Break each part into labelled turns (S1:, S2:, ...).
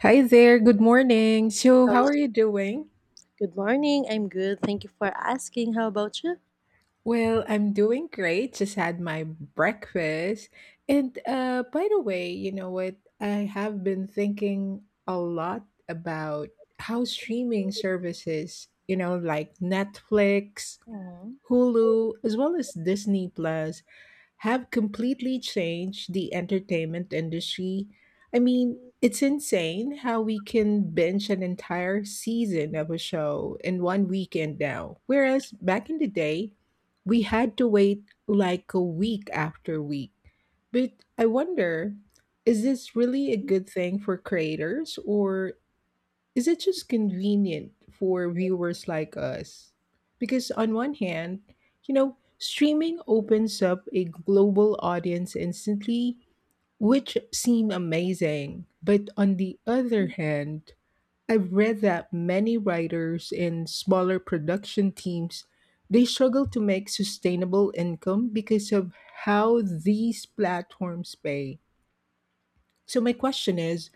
S1: Hi there, good morning. So, how
S2: Hello.
S1: are you doing?
S2: Good morning. I'm good. Thank you for asking. How about you?
S1: Well, I'm doing great. Just had my breakfast. And by the way, you know what? I have been thinking a lot about how streaming services, you know, like Netflix,
S2: Mhm.
S1: Hulu, as well as Disney Plus have completely changed the entertainment industry. I mean, it's insane how we can binge an entire season of a show in one weekend now. Whereas back in the day, we had to wait like a week after week. But I wonder, is this really a good thing for creators, or is it just convenient for viewers like us? Because on one hand, streaming opens up a global audience instantly, which seem amazing. But on the other hand, I've read that many writers and smaller production teams they struggle to make sustainable income because of how these platforms pay. So, my question is,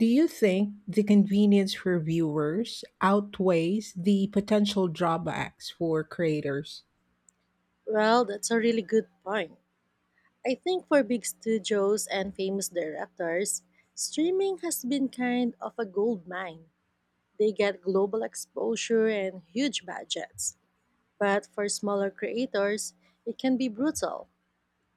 S1: do you think the convenience for viewers outweighs the potential drawbacks for creators?
S2: Well, that's a really good point. I think for big studios and famous directors, streaming has been kind of a gold mine. They get global exposure and huge budgets. But for smaller creators, it can be brutal.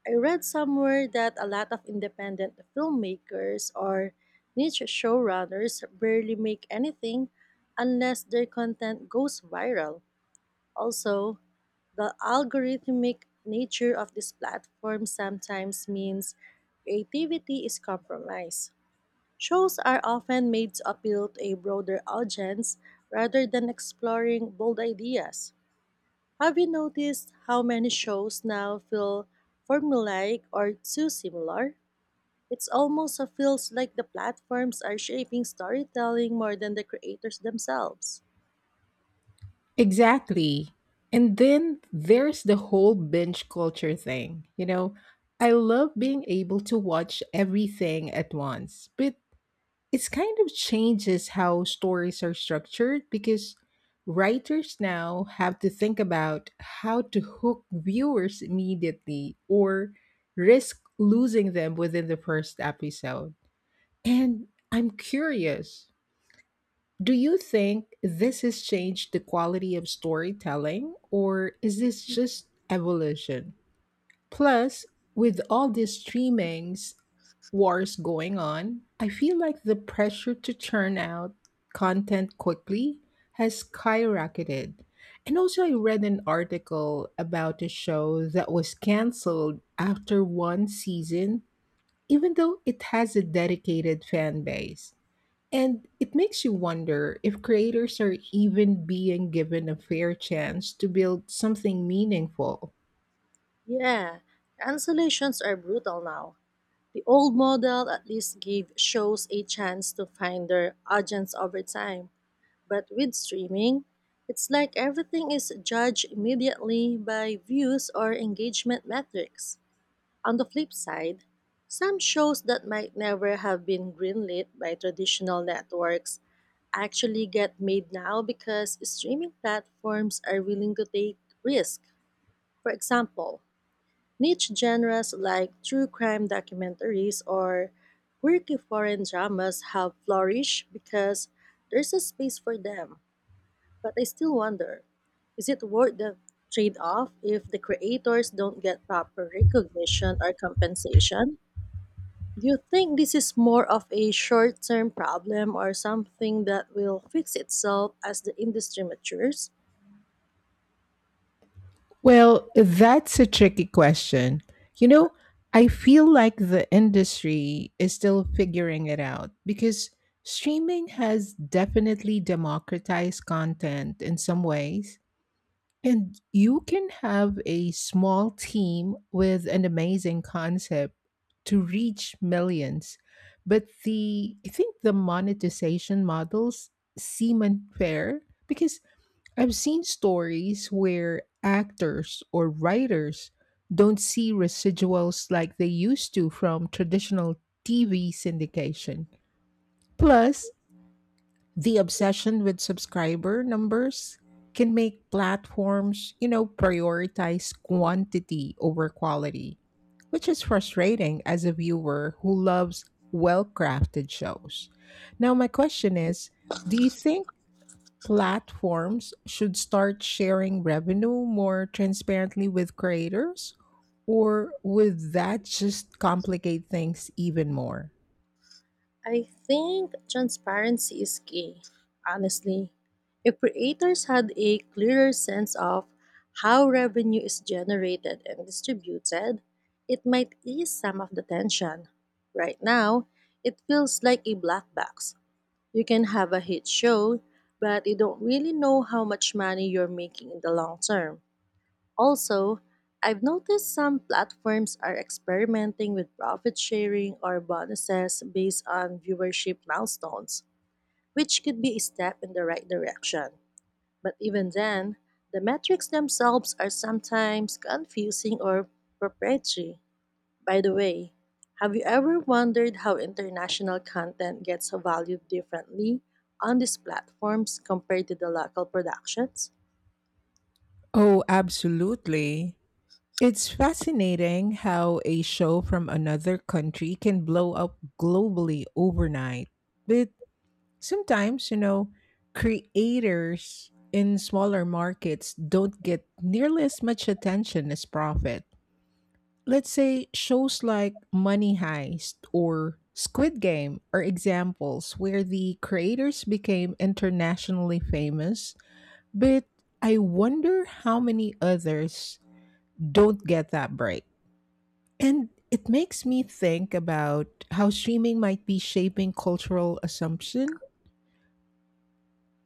S2: I read somewhere that a lot of independent filmmakers or niche showrunners barely make anything unless their content goes viral. Also, the algorithmic nature of this platform sometimes means creativity is compromised. Shows are often made to appeal to a broader audience rather than exploring bold ideas. Have you noticed how many shows now feel formulaic or too similar? It's almost a feels like the platforms are shaping storytelling more than the creators themselves.
S1: Exactly. And then there's the whole binge culture thing. I love being able to watch everything at once, but it's kind of changes how stories are structured because writers now have to think about how to hook viewers immediately or risk losing them within the first episode. And I'm curious, do you think this has changed the quality of storytelling, or is this just evolution? Plus, with all these streamings wars going on, I feel like the pressure to churn out content quickly has skyrocketed. And also, I read an article about a show that was canceled after one season, even though it has a dedicated fan base. And it makes you wonder if creators are even being given a fair chance to build something meaningful.
S2: Yeah, cancellations are brutal now. The old model at least gave shows a chance to find their audience over time. But with streaming, it's like everything is judged immediately by views or engagement metrics. On the flip side, some shows that might never have been greenlit by traditional networks actually get made now because streaming platforms are willing to take risk. For example, niche genres like true crime documentaries or quirky foreign dramas have flourished because there's a space for them. But I still wonder, is it worth the trade off if the creators don't get proper recognition or compensation? Do you think this is more of a short term problem or something that will fix itself as the industry matures?
S1: Well, that's a tricky question. You know, I feel like the industry is still figuring it out because streaming has definitely democratized content in some ways. And you can have a small team with an amazing concept to reach millions. But the I think the monetization models seem unfair because I've seen stories where actors or writers don't see residuals like they used to from traditional TV syndication. Plus, the obsession with subscriber numbers can make platforms, you know, prioritize quantity over quality, which is frustrating as a viewer who loves well crafted shows. Now, my question is, do you think platforms should start sharing revenue more transparently with creators? Or would that just complicate things even more?
S2: I think transparency is key, honestly. If creators had a clearer sense of how revenue is generated and distributed, it might ease some of the tension. Right now, it feels like a black box. You can have a hit show, but you don't really know how much money you're making in the long term. Also, I've noticed some platforms are experimenting with profit sharing or bonuses based on viewership milestones, which could be a step in the right direction. But even then, the metrics themselves are sometimes confusing or proprietary. By the way, have you ever wondered how international content gets valued differently on these platforms compared to the local productions?
S1: Oh, absolutely. It's fascinating how a show from another country can blow up globally overnight. But sometimes, creators in smaller markets don't get nearly as much attention as profit. Let's say shows like Money Heist or Squid Game are examples where the creators became internationally famous, but I wonder how many others don't get that break. And it makes me think about how streaming might be shaping cultural assumption.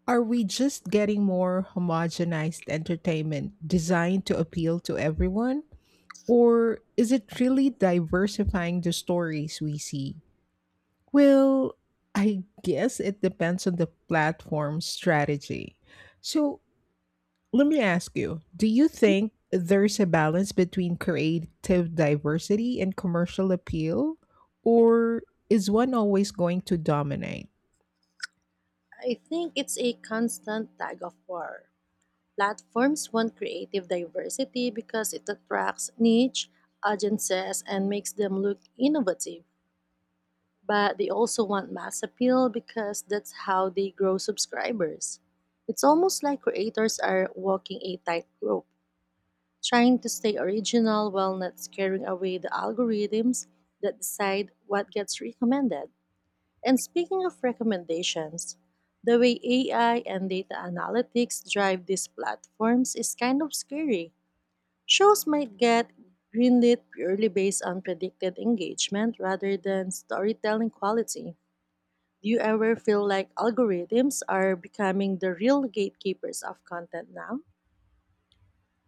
S1: Are we just getting more homogenized entertainment designed to appeal to everyone? Or is it really diversifying the stories we see? Well, I guess it depends on the platform strategy. So let me ask you, do you think there's a balance between creative diversity and commercial appeal, or is one always going to dominate?
S2: I think it's a constant tug of war. Platforms want creative diversity because it attracts niche audiences and makes them look innovative, but they also want mass appeal because that's how they grow subscribers. It's almost like creators are walking a tightrope, trying to stay original while not scaring away the algorithms that decide what gets recommended. And speaking of recommendations, the way AI and data analytics drive these platforms is kind of scary. Shows might get greenlit purely based on predicted engagement rather than storytelling quality. Do you ever feel like algorithms are becoming the real gatekeepers of content now?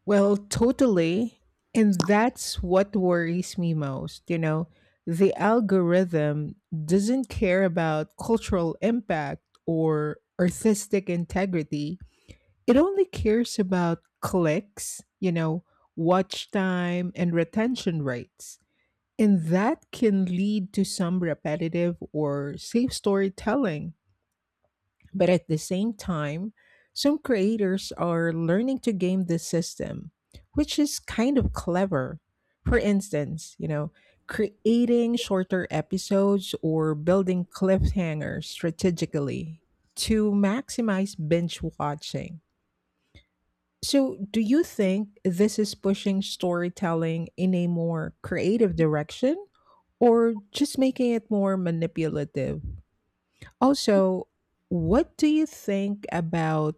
S1: Well, totally. And that's what worries me most. The algorithm doesn't care about cultural impact or artistic integrity, it only cares about clicks, watch time, and retention rates. And that can lead to some repetitive or safe storytelling, but at the same time, some creators are learning to game the system, which is kind of clever. For instance, creating shorter episodes or building cliffhangers strategically to maximize binge watching. So, do you think this is pushing storytelling in a more creative direction, or just making it more manipulative? Also, what do you think about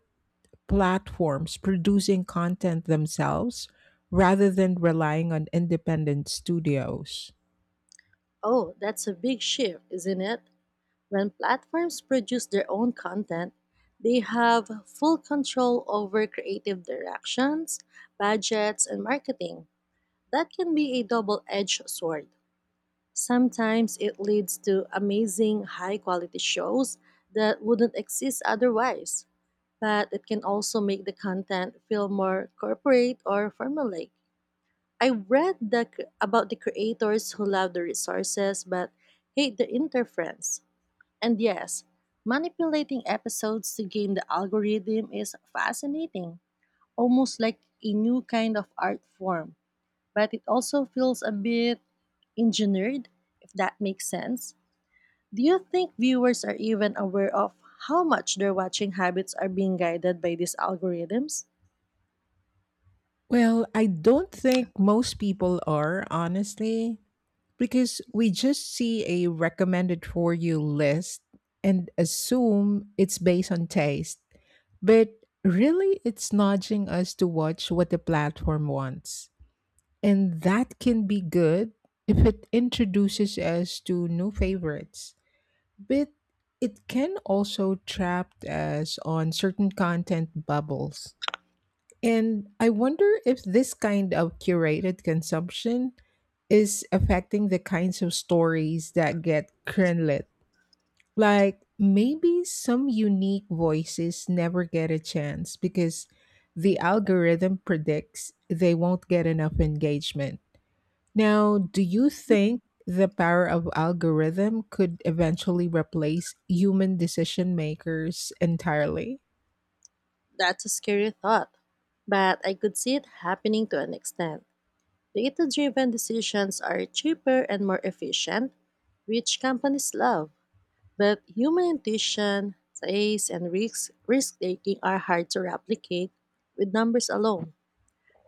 S1: platforms producing content themselves rather than relying on independent studios?
S2: Oh, that's a big shift, isn't it? When platforms produce their own content, they have full control over creative directions, budgets, and marketing. That can be a double edged sword. Sometimes it leads to amazing high quality shows that wouldn't exist otherwise, but it can also make the content feel more corporate or formulaic. I read the, about the creators who love the resources but hate the interference. And yes, manipulating episodes to game the algorithm is fascinating, almost like a new kind of art form, but it also feels a bit engineered, if that makes sense. Do you think viewers are even aware of how much their watching habits are being guided by these algorithms?
S1: Well, I don't think most people are, honestly. Because we just see a recommended for you list and assume it's based on taste. But really, it's nudging us to watch what the platform wants. And that can be good if it introduces us to new favorites. But it can also trap us on certain content bubbles. And I wonder if this kind of curated consumption is affecting the kinds of stories that get greenlit. Like maybe some unique voices never get a chance because the algorithm predicts they won't get enough engagement. Now, do you think the power of algorithm could eventually replace human decision makers entirely?
S2: That's a scary thought, but I could see it happening to an extent. Data driven decisions are cheaper and more efficient, which companies love, but human intuition, taste, and risk taking are hard to replicate with numbers alone.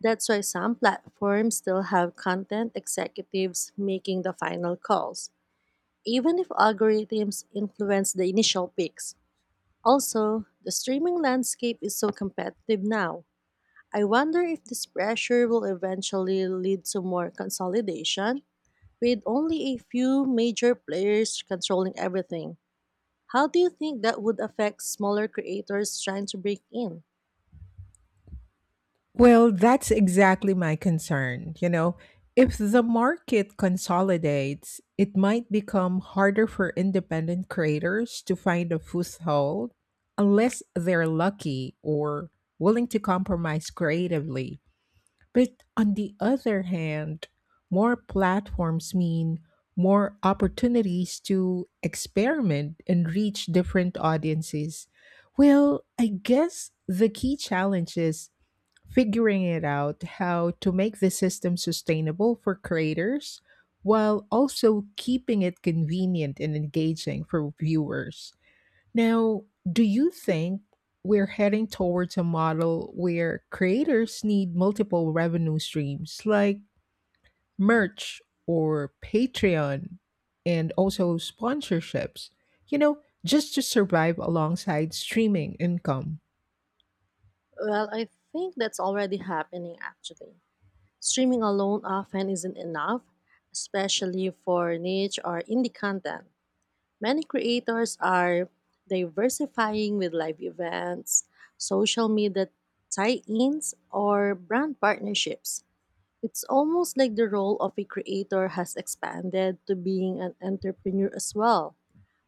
S2: That's why some platforms still have content executives making the final calls even if algorithms influence the initial picks. Also, the streaming landscape is so competitive now. I wonder if this pressure will eventually lead to more consolidation, with only a few major players controlling everything. How do you think that would affect smaller creators trying to break in?
S1: Well, that's exactly my concern. If the market consolidates, it might become harder for independent creators to find a foothold unless they're lucky or willing to compromise creatively. But on the other hand, more platforms mean more opportunities to experiment and reach different audiences. Well, I guess the key challenge is figuring it out how to make the system sustainable for creators while also keeping it convenient and engaging for viewers. Now, do you think we're heading towards a model where creators need multiple revenue streams like merch or Patreon and also sponsorships, you know, just to survive alongside streaming income?
S2: Well, I think that's already happening actually. Streaming alone often isn't enough, especially for niche or indie content. Many creators are diversifying with live events, social media tie ins, or brand partnerships. It's almost like the role of a creator has expanded to being an entrepreneur as well.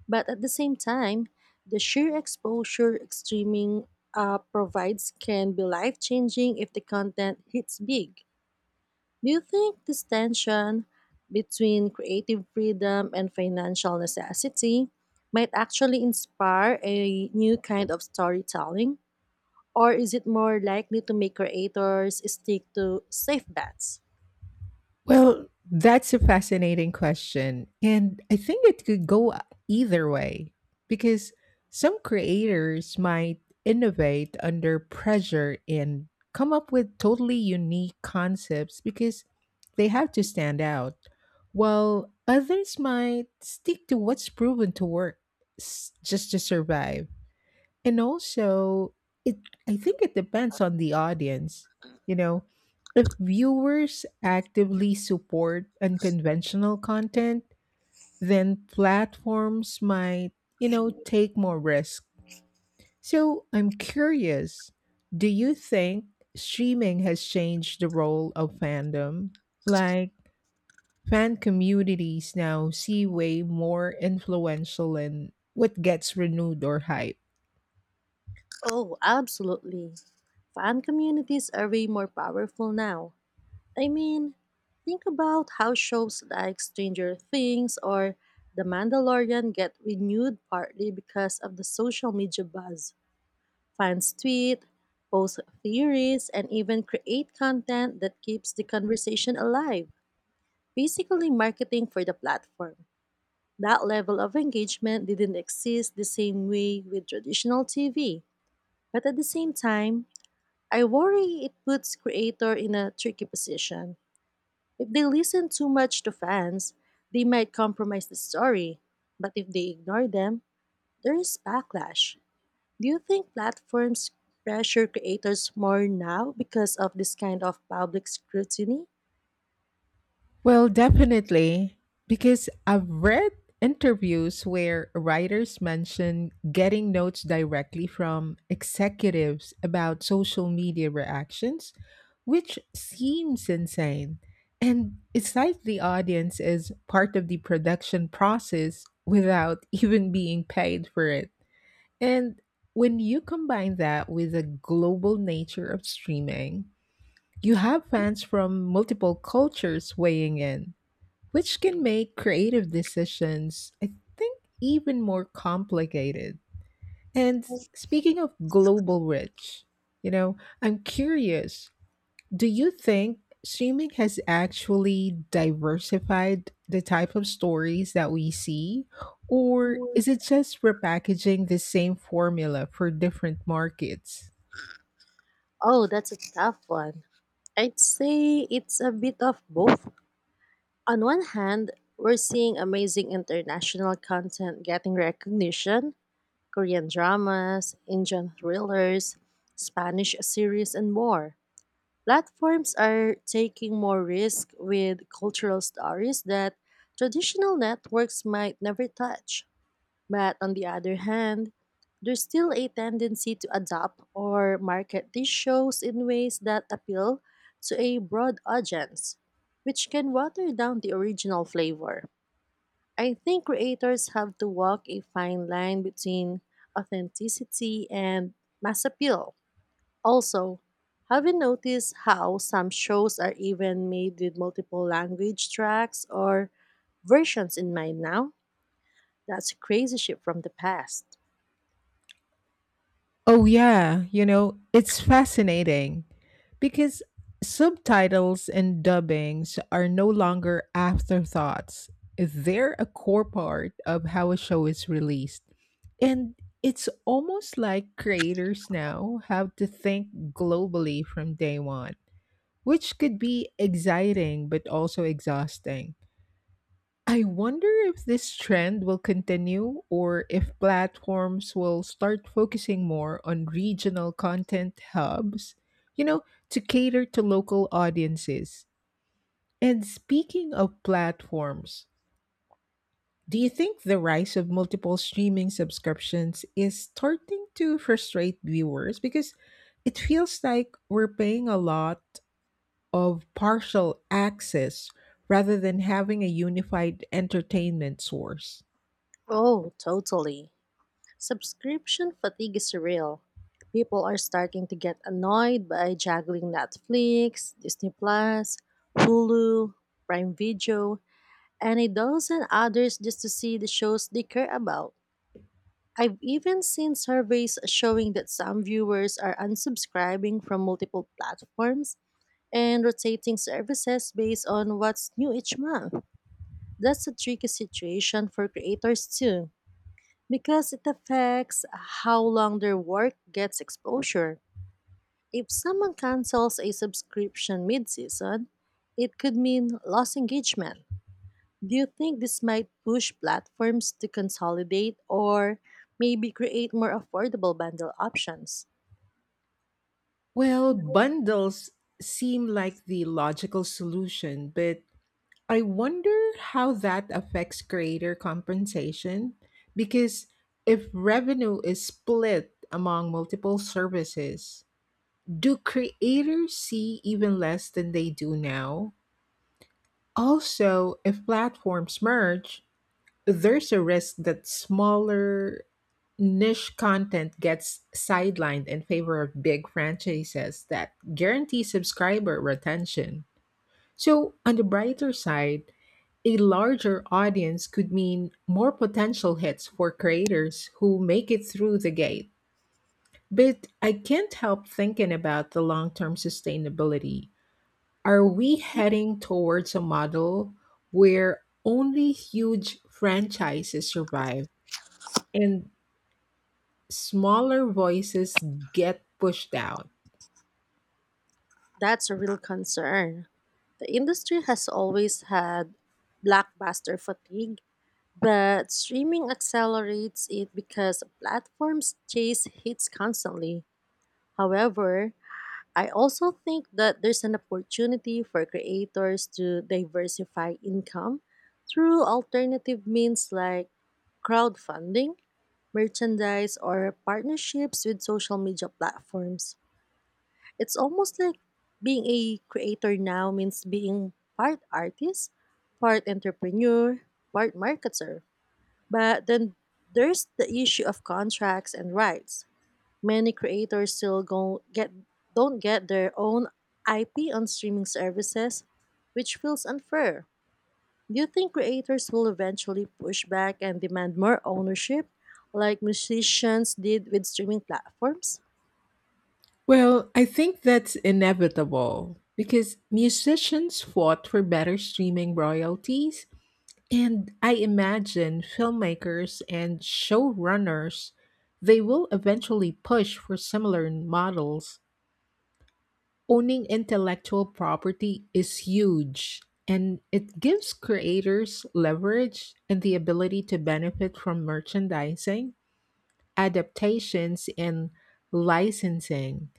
S2: But at the same time, the sheer exposure streaming provides can be life changing if the content hits big. Do you think this tension between creative freedom and financial necessity might actually inspire a new kind of storytelling? Or is it more likely to make creators stick to safe bets?
S1: Well, that's a fascinating question. And I think it could go either way because some creators might innovate under pressure and come up with totally unique concepts because they have to stand out, while others might stick to what's proven to work just to survive. And also, it I think it depends on the audience. You know, if viewers actively support unconventional content, then platforms might, take more risk. So, I'm curious, do you think streaming has changed the role of fandom? Like fan communities now see way more influential in what gets renewed or hyped.
S2: Oh, absolutely. Fan communities are way more powerful now. I mean, think about how shows like Stranger Things or The Mandalorian get renewed partly because of the social media buzz. Fans tweet, post theories, and even create content that keeps the conversation alive, basically marketing for the platform. That level of engagement didn't exist the same way with traditional TV. But at the same time, I worry it puts creator in a tricky position. If they listen too much to fans, they might compromise the story. But if they ignore them, there is backlash. Do you think platforms pressure creators more now because of this kind of public scrutiny?
S1: Well, definitely, because I've read interviews where writers mention getting notes directly from executives about social media reactions, which seems insane. And it's like the audience is part of the production process without even being paid for it. And when you combine that with the global nature of streaming, you have fans from multiple cultures weighing in, which can make creative decisions, I think, even more complicated. And speaking of global reach, I'm curious, do you think streaming has actually diversified the type of stories that we see? Or is it just repackaging the same formula for different markets?
S2: Oh, that's a tough one. I'd say it's a bit of both. On one hand, we're seeing amazing international content getting recognition, Korean dramas, Indian thrillers, Spanish series, and more. Platforms are taking more risk with cultural stories that traditional networks might never touch. But on the other hand, there's still a tendency to adopt or market these shows in ways that appeal to a broad audience, which can water down the original flavor. I think creators have to walk a fine line between authenticity and mass appeal. Also, have you noticed how some shows are even made with multiple language tracks or versions in mind now? That's crazy shit from the past.
S1: Oh, yeah. It's fascinating because subtitles and dubbings are no longer afterthoughts. They're a core part of how a show is released. And it's almost like creators now have to think globally from day one, which could be exciting but also exhausting. I wonder if this trend will continue or if platforms will start focusing more on regional content hubs, you know, to cater to local audiences. And speaking of platforms, do you think the rise of multiple streaming subscriptions is starting to frustrate viewers? Because it feels like we're paying a lot of partial access rather than having a unified entertainment source.
S2: Oh, totally. Subscription fatigue is real. People are starting to get annoyed by juggling Netflix, Disney Plus, Hulu, Prime Video, and a dozen others just to see the shows they care about. I've even seen surveys showing that some viewers are unsubscribing from multiple platforms and rotating services based on what's new each month. That's a tricky situation for creators too because it affects how long their work gets exposure. If someone cancels a subscription mid season, it could mean lost engagement. Do you think this might push platforms to consolidate or maybe create more affordable bundle options?
S1: Well, bundles seem like the logical solution, but I wonder how that affects creator compensation. Because if revenue is split among multiple services, do creators see even less than they do now? Also, if platforms merge, there's a risk that smaller niche content gets sidelined in favor of big franchises that guarantee subscriber retention. So, on the brighter side, a larger audience could mean more potential hits for creators who make it through the gate. But I can't help thinking about the long term sustainability. Are we heading towards a model where only huge franchises survive, and smaller voices get pushed out?
S2: That's a real concern. The industry has always had blockbuster fatigue, but streaming accelerates it because platforms chase hits constantly. However, I also think that there's an opportunity for creators to diversify income through alternative means like crowdfunding, merchandise, or partnerships with social media platforms. It's almost like being a creator now means being part artist, part entrepreneur, part marketer. But then there's the issue of contracts and rights. Many creators still go get don't get their own IP on streaming services, which feels unfair. Do you think creators will eventually push back and demand more ownership like musicians did with streaming platforms?
S1: Well, I think that's inevitable because musicians fought for better streaming royalties, and I imagine filmmakers and showrunners they will eventually push for similar models. Owning intellectual property is huge, and it gives creators leverage and the ability to benefit from merchandising, adaptations, and licensing.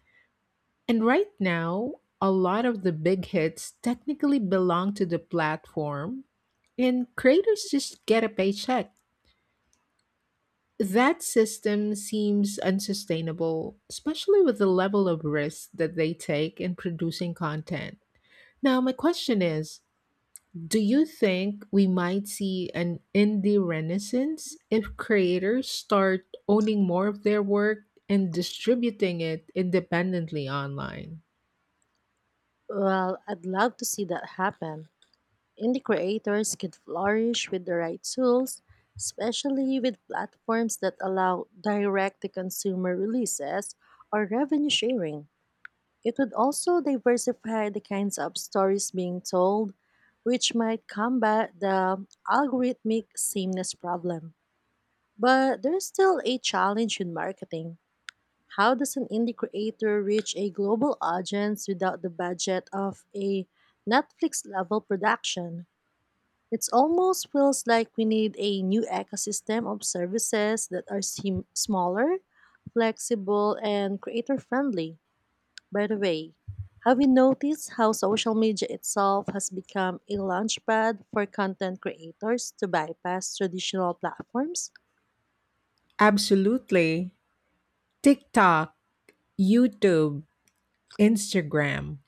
S1: And right now, a lot of the big hits technically belong to the platform, and creators just get a paycheck. That system seems unsustainable, especially with the level of risk that they take in producing content. Now, my question is, do you think we might see an indie renaissance if creators start owning more of their work and distributing it independently online?
S2: Well, I'd love to see that happen. Indie creators could flourish with the right tools, especially with platforms that allow direct to consumer releases or revenue sharing. It would also diversify the kinds of stories being told, which might combat the algorithmic sameness problem. But there's still a challenge in marketing. How does an indie creator reach a global audience without the budget of a Netflix level production? It almost feels like we need a new ecosystem of services that are smaller, flexible, and creator friendly. By the way, have you noticed how social media itself has become a launchpad for content creators to bypass traditional platforms?
S1: Absolutely. TikTok, YouTube, Instagram.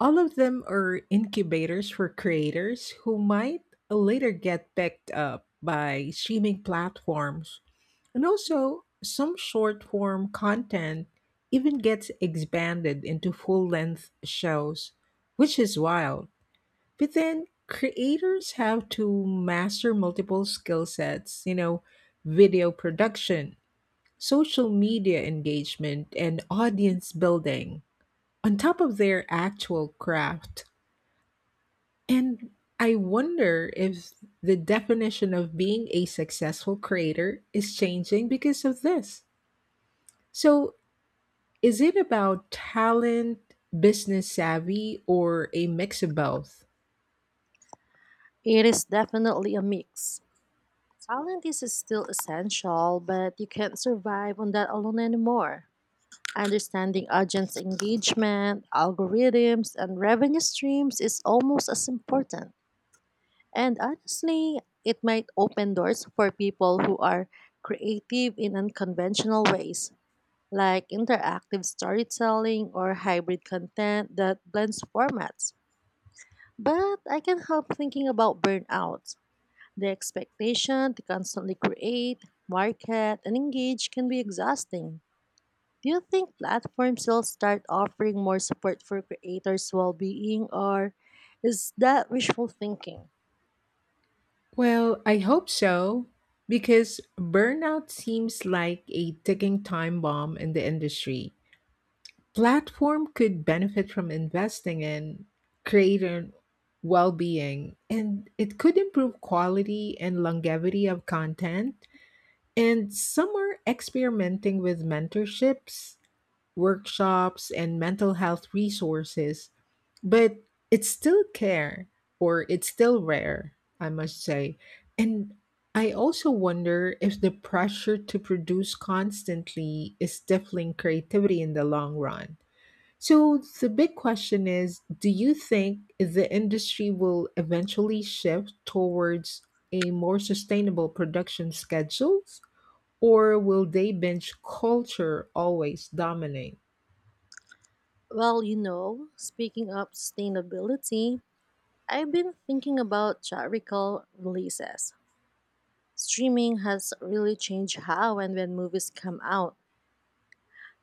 S1: All of them are incubators for creators who might later get picked up by streaming platforms. And also, some short form content even gets expanded into full length shows, which is wild. But then, creators have to master multiple skill sets, video production, social media engagement, and audience building on top of their actual craft. And I wonder if the definition of being a successful creator is changing because of this. So, is it about talent, business savvy, or a mix of both?
S2: It is definitely a mix. Talent is still essential, but you can't survive on that alone anymore. Understanding audience engagement, algorithms, and revenue streams is almost as important. And honestly, it might open doors for people who are creative in unconventional ways like interactive storytelling or hybrid content that blends formats. But I can't help thinking about burnout. The expectation to constantly create, market, and engage can be exhausting. Do you think platforms will start offering more support for creators' well being, or is that wishful thinking?
S1: Well, I hope so, because burnout seems like a ticking time bomb in the industry. Platform could benefit from investing in creator well-being, and it could improve quality and longevity of content, and some are experimenting with mentorships, workshops, and mental health resources, but it's still care or it's still rare, I must say. And I also wonder if the pressure to produce constantly is stifling creativity in the long run. So the big question is, do you think the industry will eventually shift towards a more sustainable production schedules, or will they binge culture always dominate?
S2: Well, you know, speaking of sustainability, I've been thinking about theatrical releases. Streaming has really changed how and when movies come out.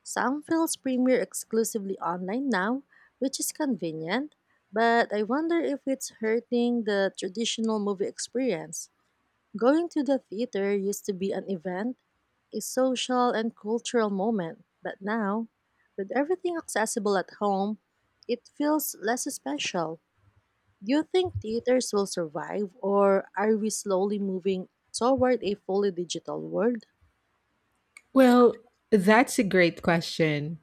S2: Some films premiere exclusively online now, which is convenient, but I wonder if it's hurting the traditional movie experience. Going to the theater used to be an event, a social and cultural moment, but now, with everything accessible at home, it feels less special. Do you think theaters will survive, or are we slowly moving toward a fully digital world?
S1: Well, that's a great question.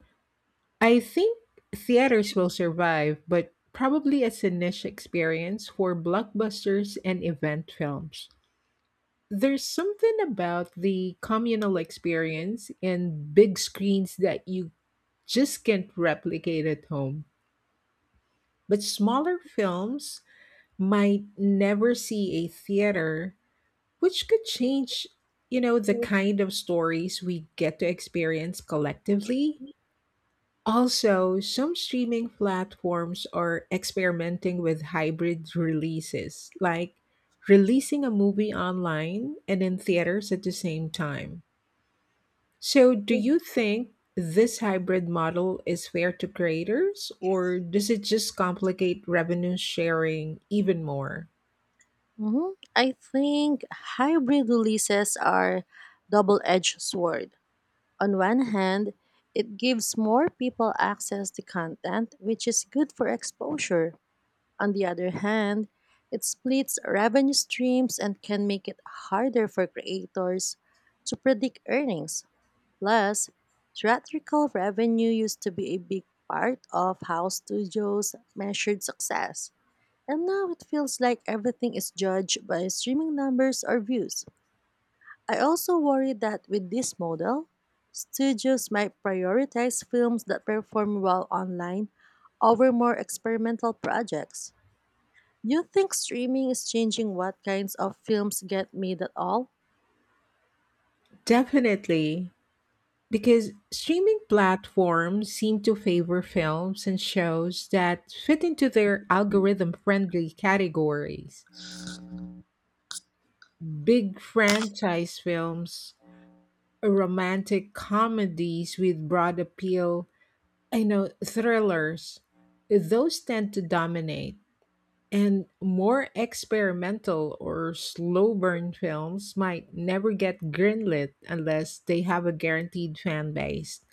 S1: I think theaters will survive, but probably as a niche experience for blockbusters and event films. There's something about the communal experience and big screens that you just can't replicate at home. But smaller films might never see a theater, which could change, the kind of stories we get to experience collectively. Also, some streaming platforms are experimenting with hybrid releases, like releasing a movie online and in theaters at the same time. So, do you think this hybrid model is fair to creators, or does it just complicate revenue sharing even more?
S2: Mhm. I think hybrid releases are double-edged sword. On one hand, it gives more people access to content, which is good for exposure. On the other hand, it splits revenue streams and can make it harder for creators to predict earnings. Plus, theatrical revenue used to be a big part of how studios measured success. And now it feels like everything is judged by streaming numbers or views. I also worry that with this model, studios might prioritize films that perform well online over more experimental projects. Do you think streaming is changing what kinds of films get made at all?
S1: Definitely, because streaming platforms seem to favor films and shows that fit into their algorithm friendly categories. Big franchise films, romantic comedies with broad appeal, I know thrillers, those tend to dominate. And more experimental or slow burn films might never get greenlit unless they have a guaranteed fan base.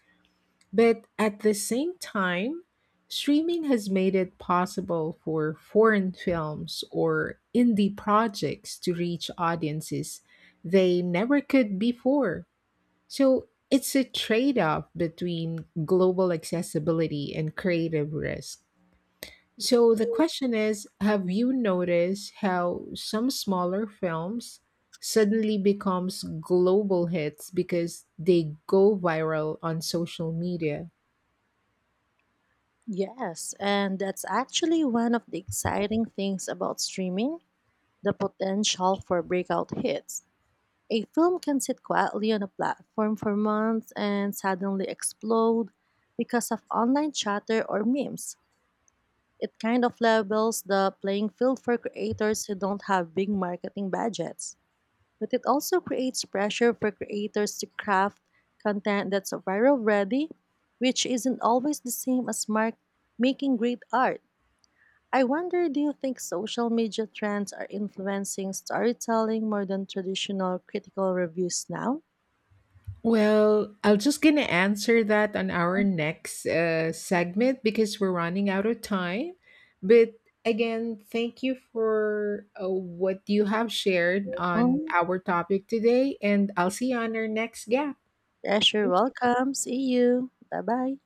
S1: But at the same time, streaming has made it possible for foreign films or indie projects to reach audiences they never could before. So it's a trade off between global accessibility and creative risk. So the question is, have you noticed how some smaller films suddenly becomes global hits because they go viral on social media?
S2: Yes, and that's actually one of the exciting things about streaming, the potential for breakout hits. A film can sit quietly on a platform for months and suddenly explode because of online chatter or memes. It kind of levels the playing field for creators who don't have big marketing budgets. But it also creates pressure for creators to craft content that's viral ready, which isn't always the same as making great art. I wonder, do you think social media trends are influencing storytelling more than traditional critical reviews now?
S1: Well, I will just gonna answer that on our next segment because we're running out of time. But again, thank you for what you have shared on
S2: Mm.
S1: our topic today, and I'll see you on our next gap.
S2: Yes, you
S1: Thank you.
S2: welcome. See you. Bye bye.